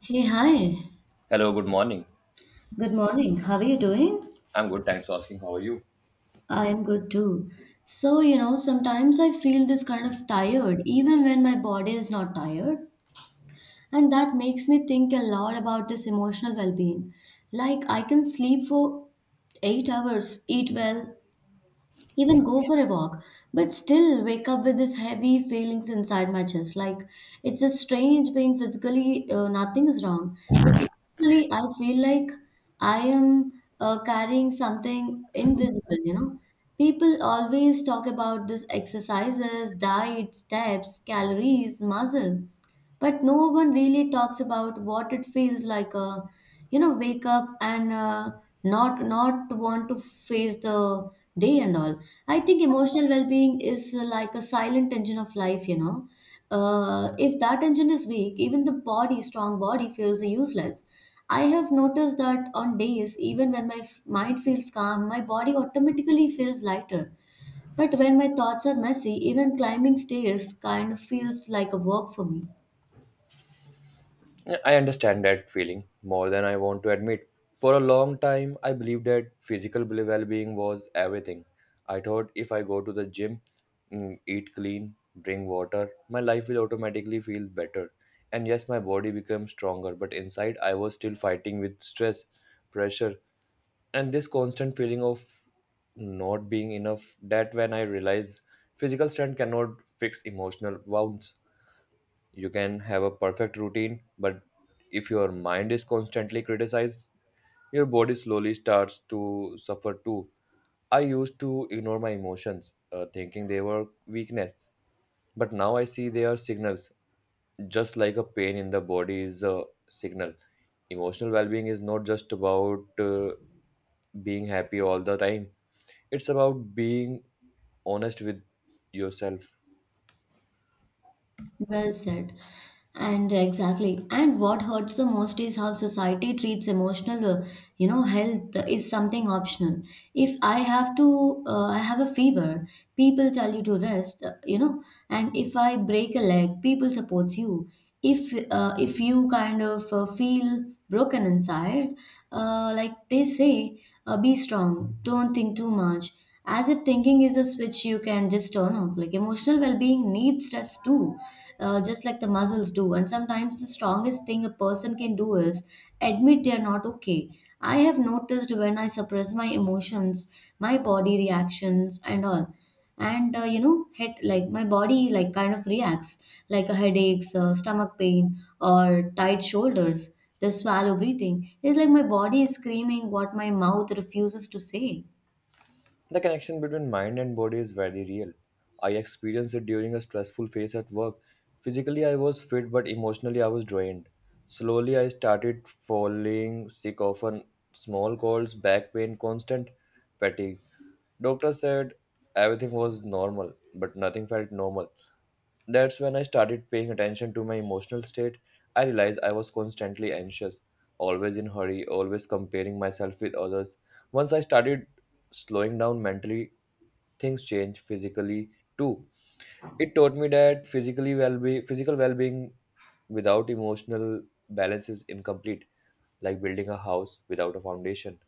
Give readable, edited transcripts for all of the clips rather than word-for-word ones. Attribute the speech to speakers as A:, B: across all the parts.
A: Hey, hi.
B: Hello, good morning.
A: Good morning. How are you doing?
B: I'm good, thanks for asking. How are you?
A: I am good too. So, sometimes I feel this kind of tired, even when my body is not tired. And that makes me think a lot about this emotional well being. Like, I can sleep for 8 hours, eat well, even go for a walk, but still wake up with this heavy feelings inside my chest. Like it's a strange being physically, nothing is wrong, but emotionally, I feel like I am carrying something invisible. People always talk about this exercises, diet, steps, calories, muscle, but no one really talks about what it feels like, wake up and not want to face the day and all. I think emotional well-being is, like a silent engine of life. If that engine is weak, even the body strong body feels useless. I have noticed that on days, even when my mind feels calm, my body automatically feels lighter. But when my thoughts are messy, even climbing stairs kind of feels like a work for me.
B: Yeah, I understand that feeling more than I want to admit. For a long time, I believed that physical well being was everything. I thought if I go to the gym, eat clean, drink water, my life will automatically feel better. And yes, my body becomes stronger, but inside, I was still fighting with stress, pressure, and this constant feeling of not being enough. That when I realized physical strength cannot fix emotional wounds. You can have a perfect routine, but if your mind is constantly criticized, your body slowly starts to suffer too. I used to ignore my emotions, thinking they were weakness. But now I see they are signals, just like a pain in the body is a signal. Emotional well-being is not just about being happy all the time, it's about being honest with yourself.
A: Well said. And exactly. And what hurts the most is how society treats emotional, health is something optional. If I have to, I have a fever, people tell you to rest, and if I break a leg, people supports you. If you kind of feel broken inside, like they say, be strong, don't think too much. As if thinking is a switch you can just turn off. Like emotional well-being needs stress too, just like the muscles do. And sometimes the strongest thing a person can do is admit they are not okay. I have noticed when I suppress my emotions, my body reactions, and all. And you know, head like my body, like, kind of reacts like a headaches, stomach pain, or tight shoulders. The swallow breathing. It's like my body is screaming what my mouth refuses to say.
B: The connection between mind and body is very real. I experienced it during a stressful phase at work. Physically, I was fit, but emotionally, I was drained. Slowly, I started falling sick often, small colds, back pain, constant fatigue. Doctor said everything was normal, but nothing felt normal. That's when I started paying attention to my emotional state. I realized I was constantly anxious, always in hurry, always comparing myself with others. Once I started slowing down mentally, things change physically too. It taught me that physical well-being without emotional balance is incomplete, like building a house without a foundation.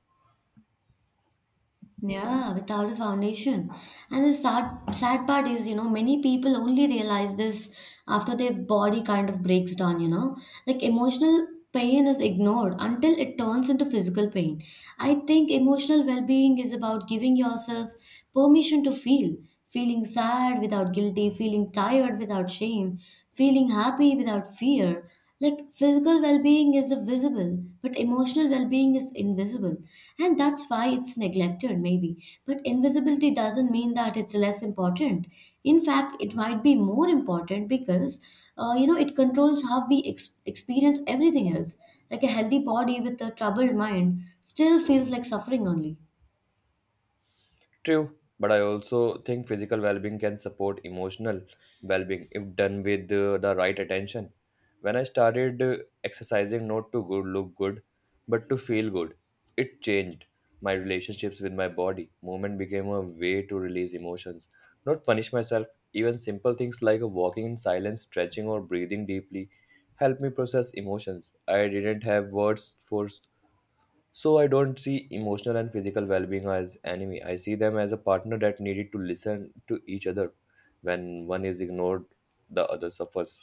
A: Yeah, without a foundation. And the sad, sad part is, many people only realize this after their body kind of breaks down. Like emotional pain is ignored until it turns into physical pain. I think emotional well-being is about giving yourself permission to feel, feeling sad without guilty, feeling tired without shame, feeling happy without fear. Like physical well being is visible, but emotional well being is invisible. And that's why it's neglected, maybe. But invisibility doesn't mean that it's less important. In fact, it might be more important because, it controls how we experience everything else. Like a healthy body with a troubled mind still feels like suffering only.
B: True, but I also think physical well being can support emotional well being if done with the right attention. When I started exercising not to good, look good, but to feel good, it changed my relationships with my body. Movement became a way to release emotions, not punish myself. Even simple things like walking in silence, stretching, or breathing deeply help me process emotions I didn't have words for, so I don't see emotional and physical well-being as enemy. I see them as a partner that needed to listen to each other. When one is ignored, the other suffers.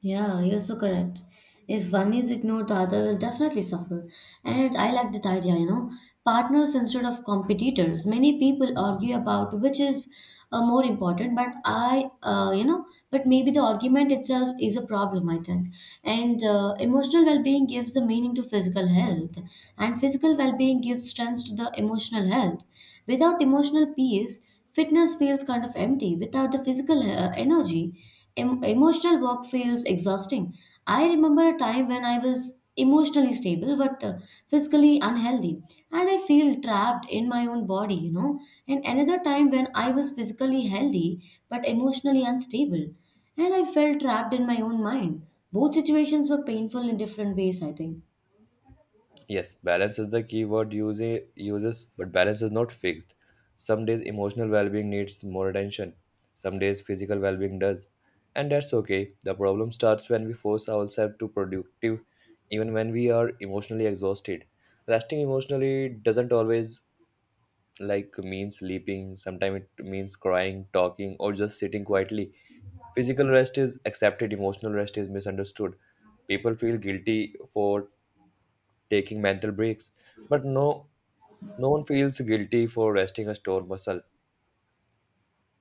A: Yeah, you're so correct. If one is ignored, the other will definitely suffer. And I like that idea, you know, partners instead of competitors. Many people argue about which is, more important, but I, you know, but maybe the argument itself is a problem, I think. And emotional well being gives the meaning to physical health, and physical well being gives strength to the emotional health. Without emotional peace, fitness feels kind of empty without the physical, energy. Emotional work feels exhausting. I remember a time when I was emotionally stable but, physically unhealthy, and I feel trapped in my own body. And another time when I was physically healthy but emotionally unstable, and I felt trapped in my own mind. Both situations were painful in different ways, I think.
B: Yes, balance is the key word uses, but balance is not fixed. Some days emotional well-being needs more attention. Some days physical well-being does, and that's okay. The problem starts when we force ourselves to productive, even when we are emotionally exhausted. Resting emotionally doesn't always like means sleeping. Sometimes it means crying, talking, or just sitting quietly. Physical rest is accepted, emotional rest is misunderstood. People feel guilty for taking mental breaks, but no one feels guilty for resting a sore muscle.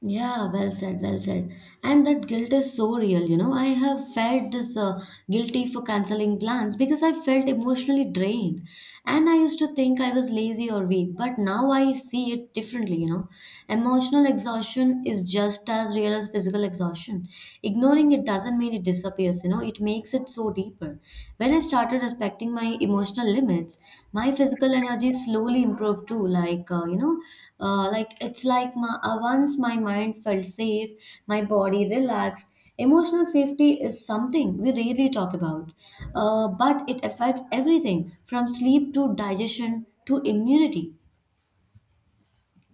A: Yeah, well said, well said. And that guilt is so real. I have felt this, guilty for canceling plans because I felt emotionally drained. And I used to think I was lazy or weak, but now I see it differently. Emotional exhaustion is just as real as physical exhaustion. Ignoring it doesn't mean it disappears, it makes it so deeper. When I started respecting my emotional limits, my physical energy slowly improved too. Like, like once my mind felt safe, my body relaxed. Emotional safety is something we rarely talk about, but it affects everything from sleep to digestion to immunity.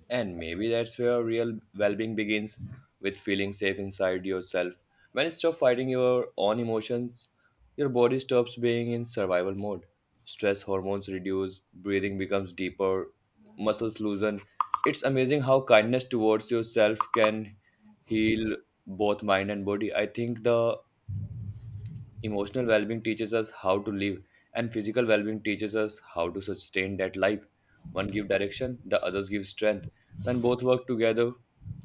B: And maybe that's where real well being begins, with feeling safe inside yourself. When you stop fighting your own emotions, your body stops being in survival mode. Stress hormones reduce, breathing becomes deeper, muscles loosen. It's amazing how kindness towards yourself can heal both mind and body. I think the emotional well-being teaches us how to live, and physical well-being teaches us how to sustain that life. One gives direction, the others give strength. When both work together,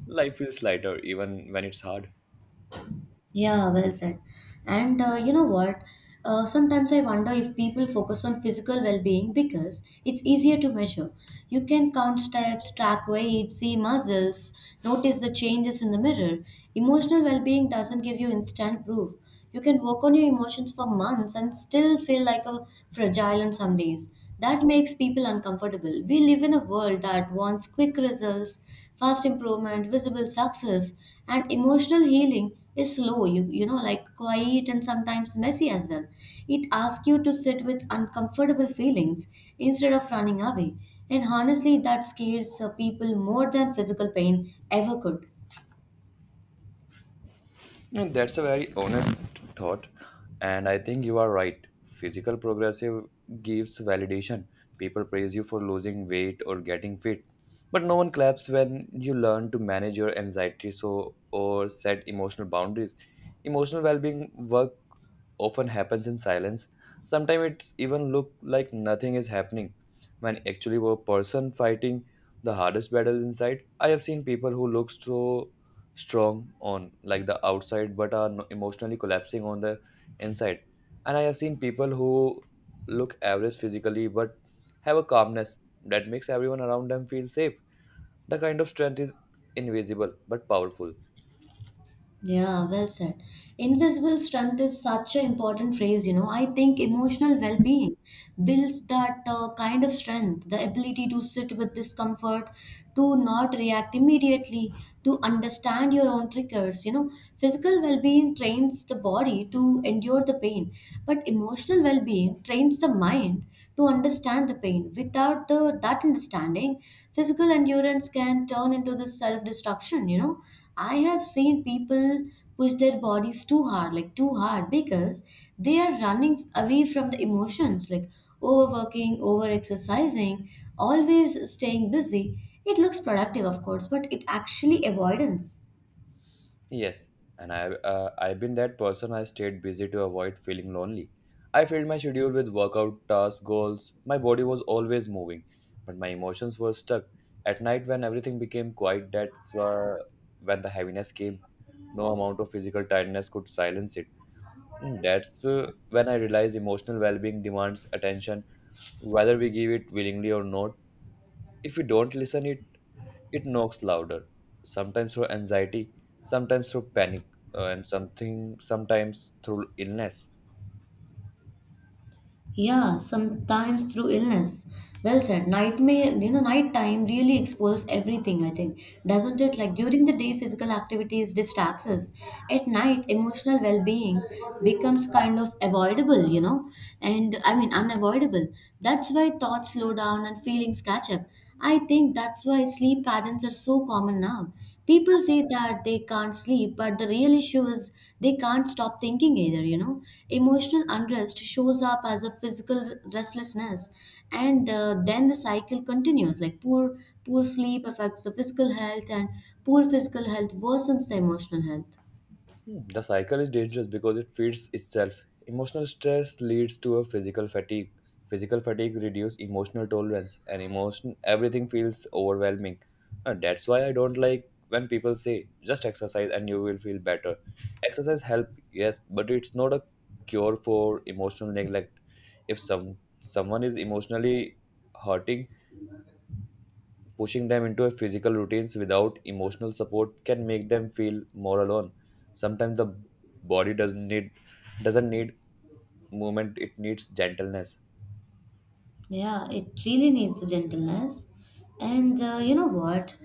B: life feels lighter, even when it's hard.
A: Yeah, well said. And you know what? Sometimes I wonder if people focus on physical well being because it's easier to measure. You can count steps, track weight, see muscles, notice the changes in the mirror. Emotional well being doesn't give you instant proof. You can work on your emotions for months and still feel like a fragile on some days. That makes people uncomfortable. We live in a world that wants quick results, fast improvement, visible success, and emotional healing is slow, like quiet and sometimes messy as well. It asks you to sit with uncomfortable feelings instead of running away. And honestly, that scares, people more than physical pain ever could.
B: No, that's a very honest thought, and I think you are right. Physical progressive gives validation. People praise you for losing weight or getting fit, but no one claps when you learn to manage your anxiety so or set emotional boundaries. Emotional well-being work often happens in silence. Sometimes it's even look like nothing is happening, when actually a person fighting the hardest battle inside. I have seen people who look so strong on like the outside but are emotionally collapsing on the inside. And I have seen people who look average physically but have a calmness that makes everyone around them feel safe. The kind of strength is invisible but powerful.
A: Yeah, well said. Invisible strength is such an important phrase. I think emotional well being builds that, kind of strength, the ability to sit with discomfort, to not react immediately, to understand your own triggers. Physical well being trains the body to endure the pain, but emotional well being trains the mind to understand the pain. Without the that understanding, physical endurance can turn into this self destruction. I have seen people push their bodies too hard, like too hard, because they are running away from the emotions, like overworking, over exercising, always staying busy. It looks productive, of course, but it actually avoidance.
B: Yes, and I've been that person. I stayed busy to avoid feeling lonely. I filled my schedule with workout tasks, goals. My body was always moving, but my emotions were stuck. At night, when everything became quiet, that's when the heaviness came. No amount of physical tiredness could silence it. That's when I realized emotional well-being demands attention, whether we give it willingly or not. If we don't listen it, it knocks louder, sometimes through anxiety, sometimes through panic, and something sometimes through illness.
A: Yeah, sometimes through illness. Well said. Nightmare, nighttime really exposes everything, I think. Doesn't it? Like during the day, physical activities distracts us. At night, emotional well being becomes kind of avoidable, and I mean, unavoidable. That's why thoughts slow down and feelings catch up. I think that's why sleep patterns are so common now. People say that they can't sleep, but the real issue is they can't stop thinking either. Emotional unrest shows up as a physical restlessness, and then the cycle continues. Like poor sleep affects the physical health, and poor physical health worsens the emotional health.
B: The cycle is dangerous because it feeds itself. Emotional stress leads to a physical fatigue. Physical fatigue reduces emotional tolerance, and emotion everything feels overwhelming. And that's why I don't like when people say just exercise and you will feel better. Exercise help, yes, but it's not a cure for emotional neglect. If someone is emotionally hurting, pushing them into a physical routines without emotional support can make them feel more alone. Sometimes the body doesn't need movement, it needs gentleness.
A: Yeah, it really needs gentleness. And you know what?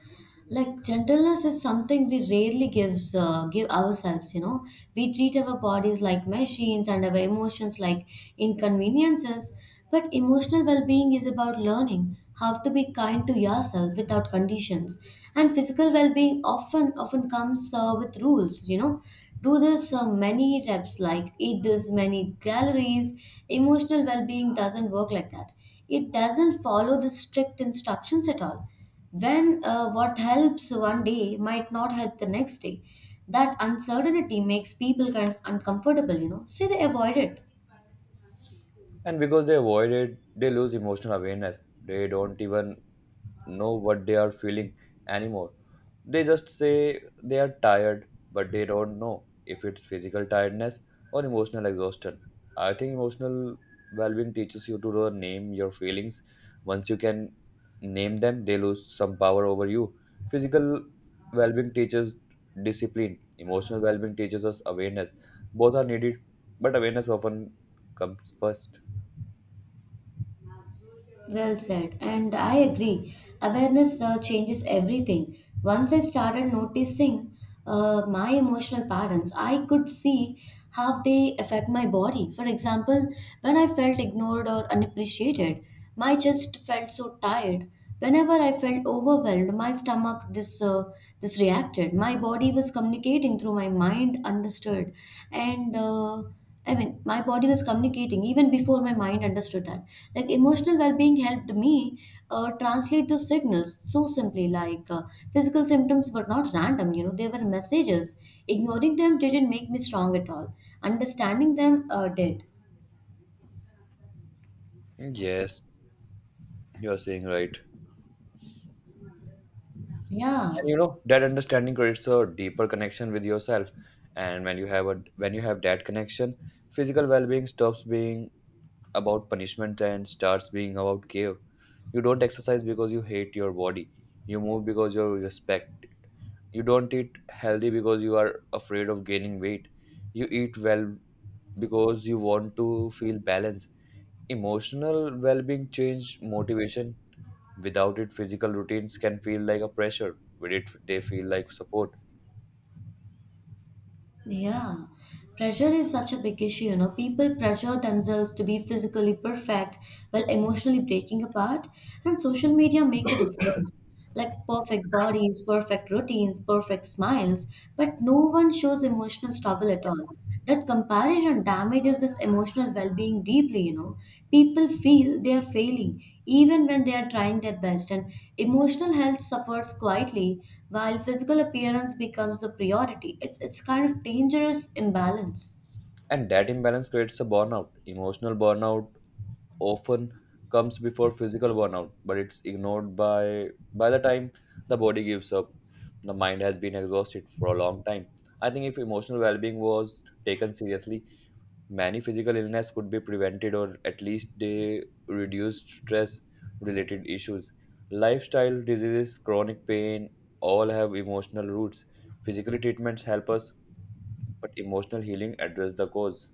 A: Like gentleness is something we rarely give ourselves. We treat our bodies like machines and our emotions like inconveniences, but emotional well-being is about learning how to be kind to yourself without conditions. And physical well-being often comes, with rules. Do this, many reps, like eat this many calories. Emotional well-being doesn't work like that. It doesn't follow the strict instructions at all. When what helps one day might not help the next day, that uncertainty makes people kind of uncomfortable, so they avoid it.
B: And because they avoid it, they lose emotional awareness. They don't even know what they are feeling anymore. They just say they are tired, but they don't know if it's physical tiredness or emotional exhaustion. I think emotional well-being teaches you to name your feelings. Once you can name them, they lose some power over you. Physical well-being teaches discipline, emotional well-being teaches us awareness. Both are needed, but awareness often comes first.
A: Well said, and I agree. Awareness, changes everything. Once I started noticing, my emotional patterns, I could see how they affect my body. For example, when I felt ignored or unappreciated, my chest felt so tired. Whenever I felt overwhelmed, my stomach this reacted. My body was communicating through my mind, understood, and. I mean, my body was communicating even before my mind understood that. Like, emotional well being helped me, translate those signals so simply. Like, physical symptoms were not random, they were messages. Ignoring them didn't make me strong at all, understanding them, did.
B: Yes, you are saying right.
A: Yeah.
B: And that understanding creates a deeper connection with yourself. And when you have that connection, physical well-being stops being about punishment and starts being about care. You don't exercise because you hate your body. You move because you respect it. You don't eat healthy because you are afraid of gaining weight. You eat well because you want to feel balanced. Emotional well-being change motivation. Without it, physical routines can feel like a pressure. With it, they feel like support.
A: Yeah, pressure is such a big issue. You know, people pressure themselves to be physically perfect while emotionally breaking apart, and social media make it worse. Like perfect bodies, perfect routines, perfect smiles, but no one shows emotional struggle at all. That comparison damages this emotional well being deeply. People feel they are failing even when they are trying their best, and emotional health suffers quietly while physical appearance becomes the priority. It's kind of dangerous imbalance.
B: And that imbalance creates a burnout, emotional burnout, often comes before physical burnout, but it's ignored by the time the body gives up, the mind has been exhausted for a long time. I think if emotional well-being was taken seriously, many physical illness could be prevented, or at least they reduced stress related issues. Lifestyle diseases, chronic pain, all have emotional roots. Physical treatments help us, but emotional healing address the cause.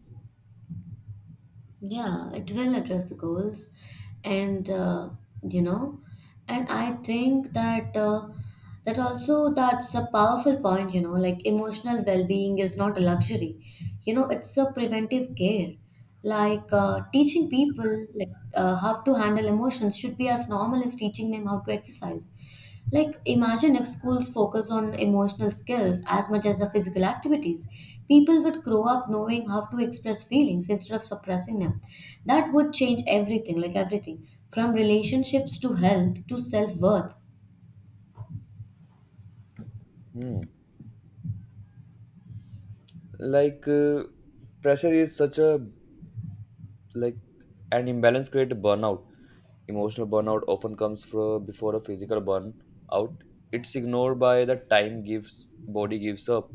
A: Yeah, it will address the goals, and uh, you know, and I think that's a powerful point. You know, like emotional well-being is not a luxury. You know, it's a preventive care. Like teaching people, like how to handle emotions should be as normal as teaching them how to exercise. Like, imagine if schools focus on emotional skills as much as the physical activities. People would grow up knowing how to express feelings instead of suppressing them. That would change everything, like everything, from relationships to health to self worth.
B: hmm. Like, pressure is such a like an imbalance creates burnout. Emotional burnout often comes from before a physical burnout. It's ignored by the time gives body gives up,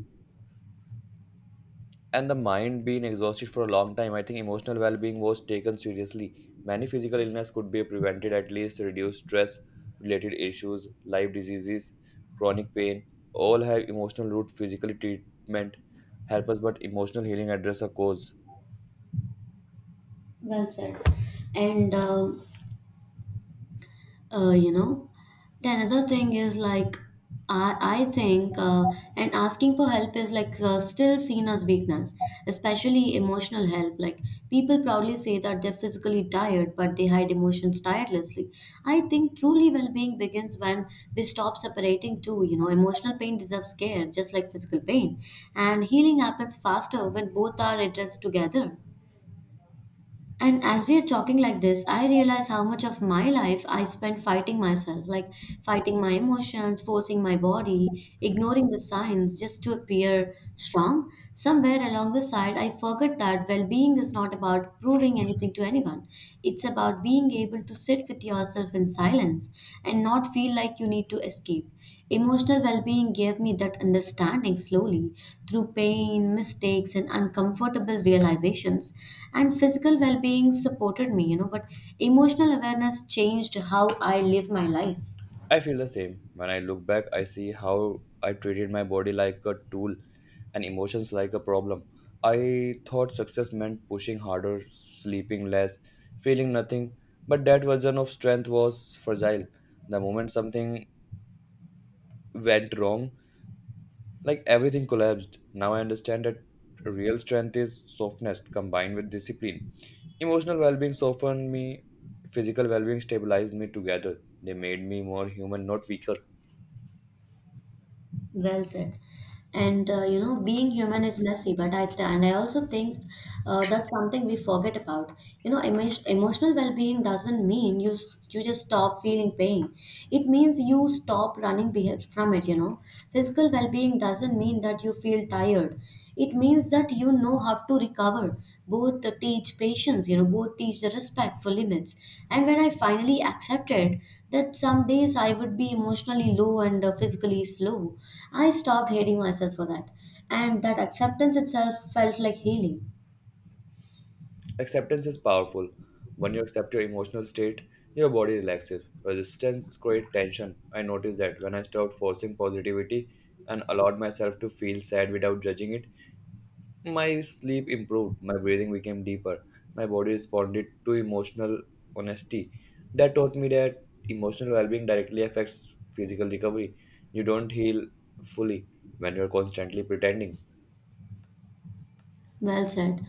B: and the mind being exhausted for a long time. I think emotional well-being was taken seriously, many physical illness could be prevented, at least reduce stress related issues. Life diseases, chronic pain, all have emotional root. Physical treatment help us, but emotional healing address a cause.
A: Well said. And uh, you know the another thing is like I think and asking for help is like still seen as weakness, especially emotional help. Like, people proudly say that they're physically tired, but they hide emotions tirelessly. I think truly well-being begins when we stop separating two. Emotional pain deserves care just like physical pain, and healing happens faster when both are addressed together. And as we are talking like this, I realize how much of my life I spent fighting myself, like fighting my emotions, forcing my body, ignoring the signs just to appear strong. Somewhere along the side, I forgot that well being is not about proving anything to anyone. It's about being able to sit with yourself in silence and not feel like you need to escape. Emotional well being gave me that understanding slowly, through pain, mistakes, and uncomfortable realizations. And physical well being supported me, you know, but emotional awareness changed how I live my life.
B: I feel the same. When I look back, I see how I treated my body like a tool and emotions like a problem. I thought success meant pushing harder, sleeping less, feeling nothing, but that version of strength was fragile. The moment something went wrong, like everything collapsed. Now I understand that real strength is softness combined with discipline. Emotional well being softened me, physical well being stabilized me together. They made me more human, not weaker.
A: Well said. And you know, being human is messy, but I th and I also think that's something we forget about. You know, emotional well-being doesn't mean you just stop feeling pain. It means you stop running from it, you know. Physical well-being doesn't mean that you feel tired, it means that you know how to recover. Both teach patience, you know, both teach the respect for limits. And when I finally accepted that some days I would be emotionally low and physically slow, I stopped hating myself for that, and that acceptance itself felt like healing.
B: Acceptance is powerful. When you accept your emotional state, your body relaxes. Resistance creates tension. I noticed that when I stopped forcing positivity and allowed myself to feel sad without judging it, my sleep improved, my breathing became deeper, my body responded to emotional honesty. That taught me that emotional well being directly affects physical recovery. You don't heal fully when you're constantly pretending.
A: Well said.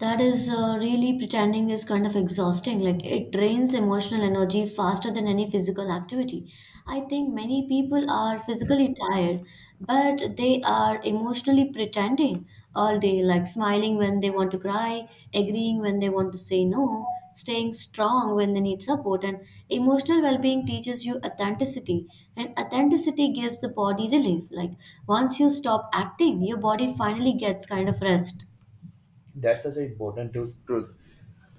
A: That is really, pretending is kind of exhausting. Like, it drains emotional energy faster than any physical activity. I think many people are physically tired, but they are emotionally pretending all day, like smiling when they want to cry, agreeing when they want to say no, staying strong when they need support. And emotional well being teaches you authenticity, and authenticity gives the body relief. Like, once you stop acting, your body finally gets kind of rest.
B: That's such an important truth.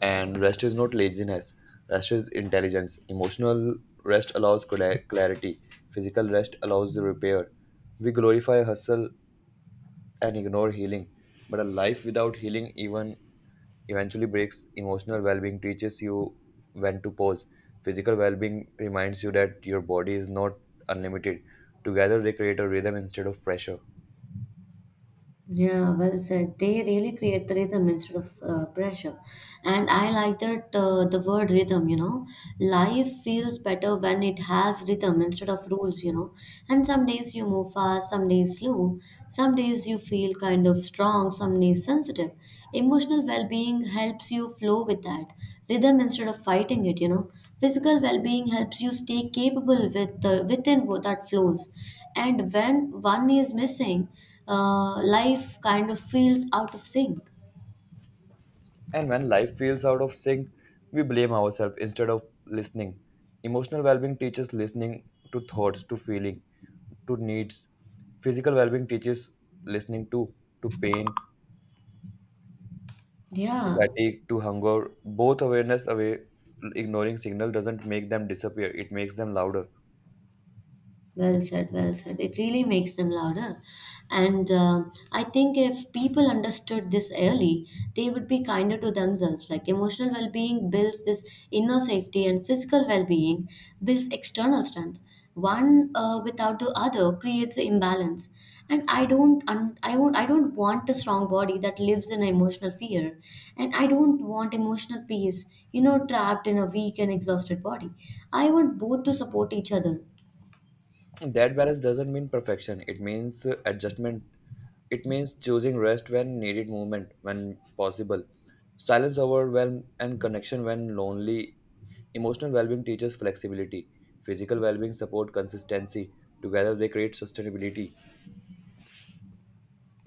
B: And rest is not laziness. Rest is intelligence. Emotional rest allows clarity. Physical rest allows repair. We glorify hustle and ignore healing. But a life without healing even eventually breaks. Emotional well-being teaches you when to pause. Physical well-being reminds you that your body is not unlimited. Together they create a rhythm instead of pressure.
A: Yeah, well said. They really create the rhythm instead of pressure. And I like that the word rhythm, you know. Life feels better when it has rhythm instead of rules, you know. And some days you move fast, some days slow, some days you feel kind of strong, some days sensitive. Emotional well being helps you flow with that rhythm instead of fighting it, you know. Physical well being helps you stay capable with within what that flows. And when one is missing, life kind of feels out of sync.
B: And when life feels out of sync, we blame ourselves instead of listening. Emotional well-being teaches listening to thoughts, to feeling, to needs. Physical well-being teaches listening to pain, to
A: Yeah.
B: fatigue, to hunger. Both awareness away ignoring signal doesn't make them disappear. It makes them louder.
A: Well said, well said. It really makes them louder. And I think if people understood this early, they would be kinder to themselves. Like, emotional well being builds this inner safety, and physical well being builds external strength. One without the other creates imbalance. And I don't, un- I won't, I don't want a strong body that lives in emotional fear, and I don't want emotional peace, you know, trapped in a weak and exhausted body. I want both to support each other.
B: That balance doesn't mean perfection, it means adjustment. It means choosing rest when needed, movement when possible, silence overwhelm, and connection when lonely. Emotional well-being teaches flexibility, physical well-being support consistency. Together they create sustainability.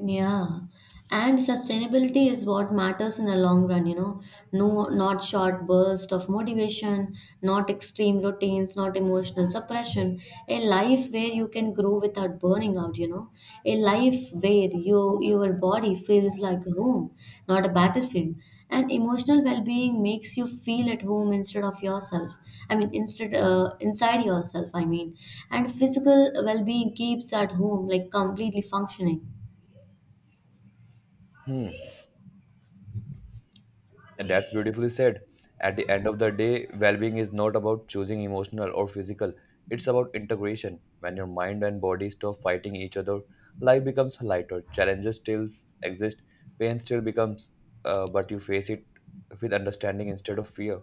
A: Yeah, and sustainability is what matters in the long run, you know. No, not short burst of motivation, not extreme routines, not emotional suppression. A life where you can grow without burning out, you know. A life where your body feels like a home, not a battlefield. And emotional well-being makes you feel at home instead of yourself. I mean, instead inside yourself, I mean. And physical well-being keeps at home, like completely functioning.
B: Hmm. And that's beautifully said. At the end of the day, well being is not about choosing emotional or physical, it's about integration. When your mind and body stop fighting each other, life becomes lighter. Challenges still exist, pain still becomes, but you face it with understanding instead of fear.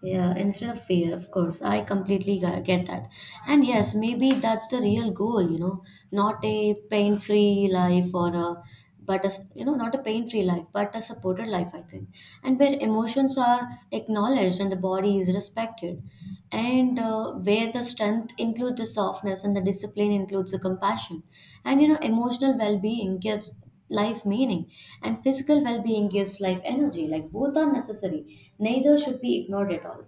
A: Yeah, instead of fear, of course. I completely get that. And yes, maybe that's the real goal, you know, not a pain-free life or a, but a, s- you know, not a pain-free life, but a supported life, I think. And where emotions are acknowledged and the body is respected. And where the strength includes the softness and the discipline includes the compassion. And, you know, emotional well-being gives life meaning and physical well-being gives life energy. Like, both are necessary, neither should be ignored at all.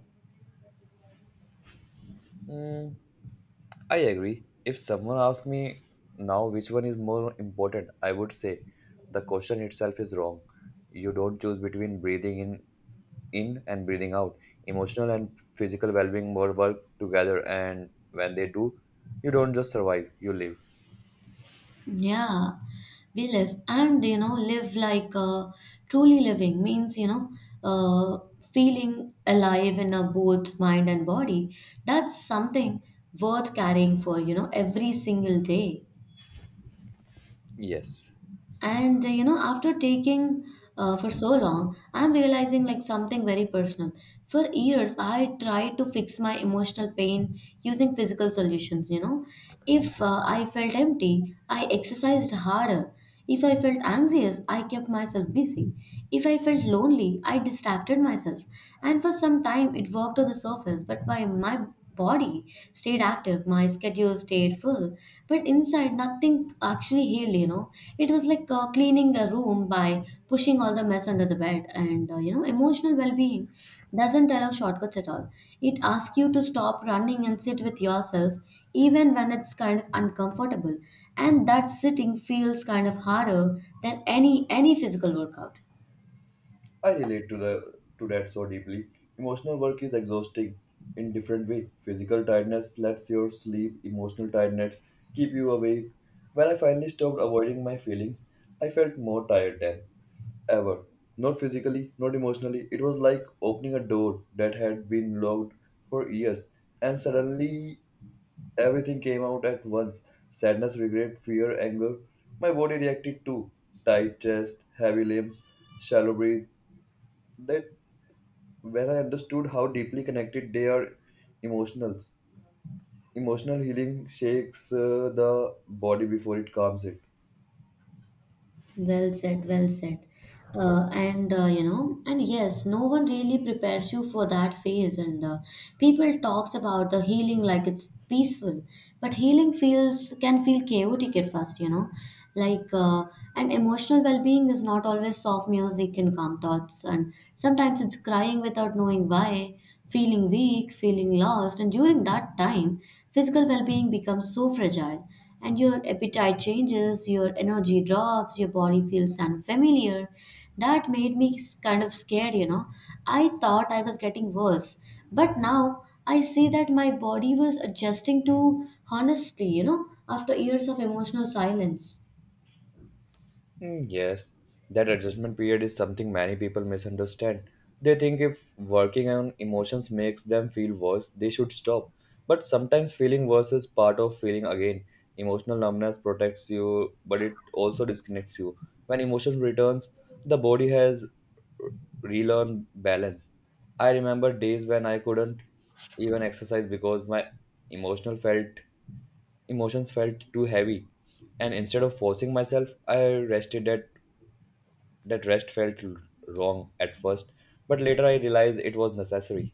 B: Mm, I agree. If someone asks me now which one is more important, I would say the question itself is wrong. You don't choose between breathing in and breathing out. Emotional and physical well being more work together, and when they do, you don't just survive, you live.
A: Yeah, we live, and, you know, live like truly living means, you know uh, feeling alive in a both mind and body. That's something worth carrying for, you know, every single day.
B: Yes.
A: And you know, after taking for so long, I'm realizing like something very personal. For years I tried to fix my emotional pain using physical solutions, you know. If I felt empty, I exercised harder. If I felt anxious, I kept myself busy. If I felt lonely, I distracted myself. And for some time it worked on the surface, but my body stayed active, my schedule stayed full, but inside nothing actually healed, you know. It was like cleaning a room by pushing all the mess under the bed. And you know, emotional well being doesn't allow shortcuts at all. It asks you to stop running and sit with yourself, even when it's kind of uncomfortable, and that sitting feels kind of harder than any physical workout.
B: I relate to the to that so deeply. Emotional work is exhausting in different way. Physical tiredness lets your sleep, emotional tiredness keep you awake. When I finally stopped avoiding my feelings, I felt more tired than ever. Not physically, not emotionally. It was like opening a door that had been locked for years, and suddenly everything came out at once: sadness, regret, fear, anger. My body reacted too tight chest, heavy limbs, shallow breath. That when I understood how deeply connected they are emotionals. Emotional healing shakes the body before it calms it.
A: Well said, well said. And you know, and yes, no one really prepares you for that phase. And people talks about the healing like it's peaceful, but healing feels can feel chaotic at first. You know, like and emotional well-being is not always soft music and calm thoughts, and sometimes it's crying without knowing why, feeling weak, feeling lost. And during that time, physical well-being becomes so fragile, and your appetite changes, your energy drops, your body feels unfamiliar. That made me kind of scared, you know. I thought I was getting worse, but now I see that my body was adjusting to honesty, you know, after years of emotional silence.
B: Mm, yes, that adjustment period is something many people misunderstand. They think if working on emotions makes them feel worse, they should stop. But sometimes feeling worse is part of feeling again. Emotional numbness protects you, but it also disconnects you. When emotion returns, the body has relearned balance. I remember days when I couldn't even exercise because my emotional felt emotions felt too heavy, and instead of forcing myself I rested. At that, rest felt wrong at first, but later I realized it was necessary.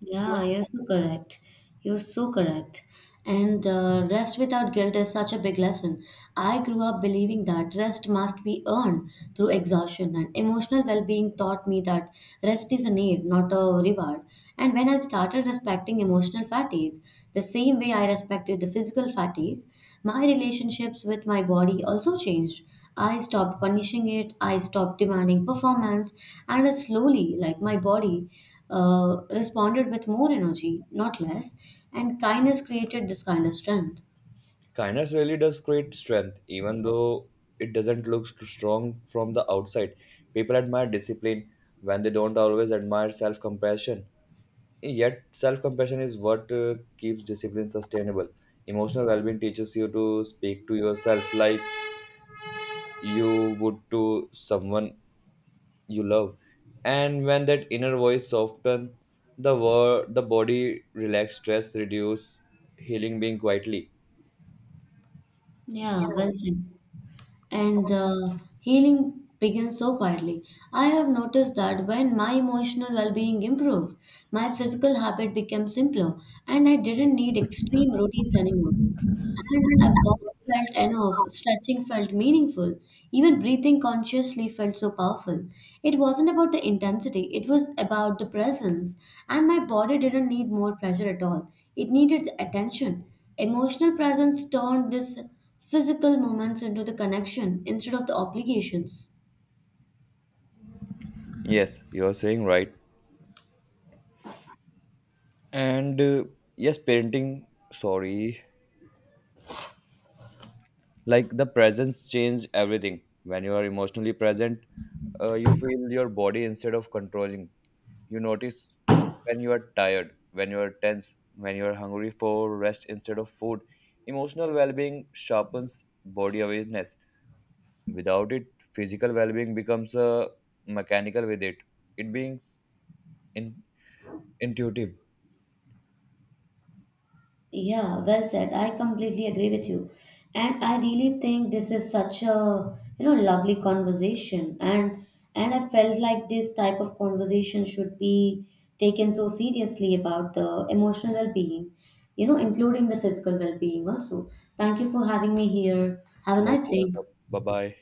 A: Yeah, you're so correct. You're so correct. And rest without guilt is such a big lesson. I grew up believing that rest must be earned through exhaustion, and emotional well being taught me that rest is a need, not a reward. And when I started respecting emotional fatigue the same way I respected the physical fatigue, my relationships with my body also changed. I stopped punishing it, I stopped demanding performance, and I slowly, like my body, responded with more energy, not less, and kindness created this kind of strength.
B: Kindness really does create strength, even though it doesn't look strong from the outside. People admire discipline when they don't always admire self compassion. Yet, self compassion is what keeps discipline sustainable. Emotional well being teaches you to speak to yourself like you would to someone you love. And when that inner voice soften, the body relax, stress reduce, healing being quietly.
A: Yeah, well said, and healing begins so quietly. I have noticed that when my emotional well being improved, my physical habit became simpler and I didn't need extreme routines anymore. And a walk felt enough, stretching felt meaningful, even breathing consciously felt so powerful. It wasn't about the intensity, it was about the presence, and my body didn't need more pressure at all. It needed the attention. Emotional presence turned these physical moments into the connection instead of the obligations.
B: Yes, you are saying right. And yes, parenting, sorry, like the presence changed everything. When you are emotionally present, you feel your body instead of controlling. You notice when you are tired, when you are tense, when you are hungry for rest instead of food. Emotional well-being sharpens body awareness. Without it, physical well being becomes mechanical. With it, it being in, intuitive.
A: Yeah, well said. I completely agree with you. And I really think this is such a, you know, lovely conversation. And I felt like this type of conversation should be taken so seriously about the emotional well-being, you know, including the physical well-being also. Thank you for having me here. Have a
B: Most
A: nice day.
B: welcome. Bye bye.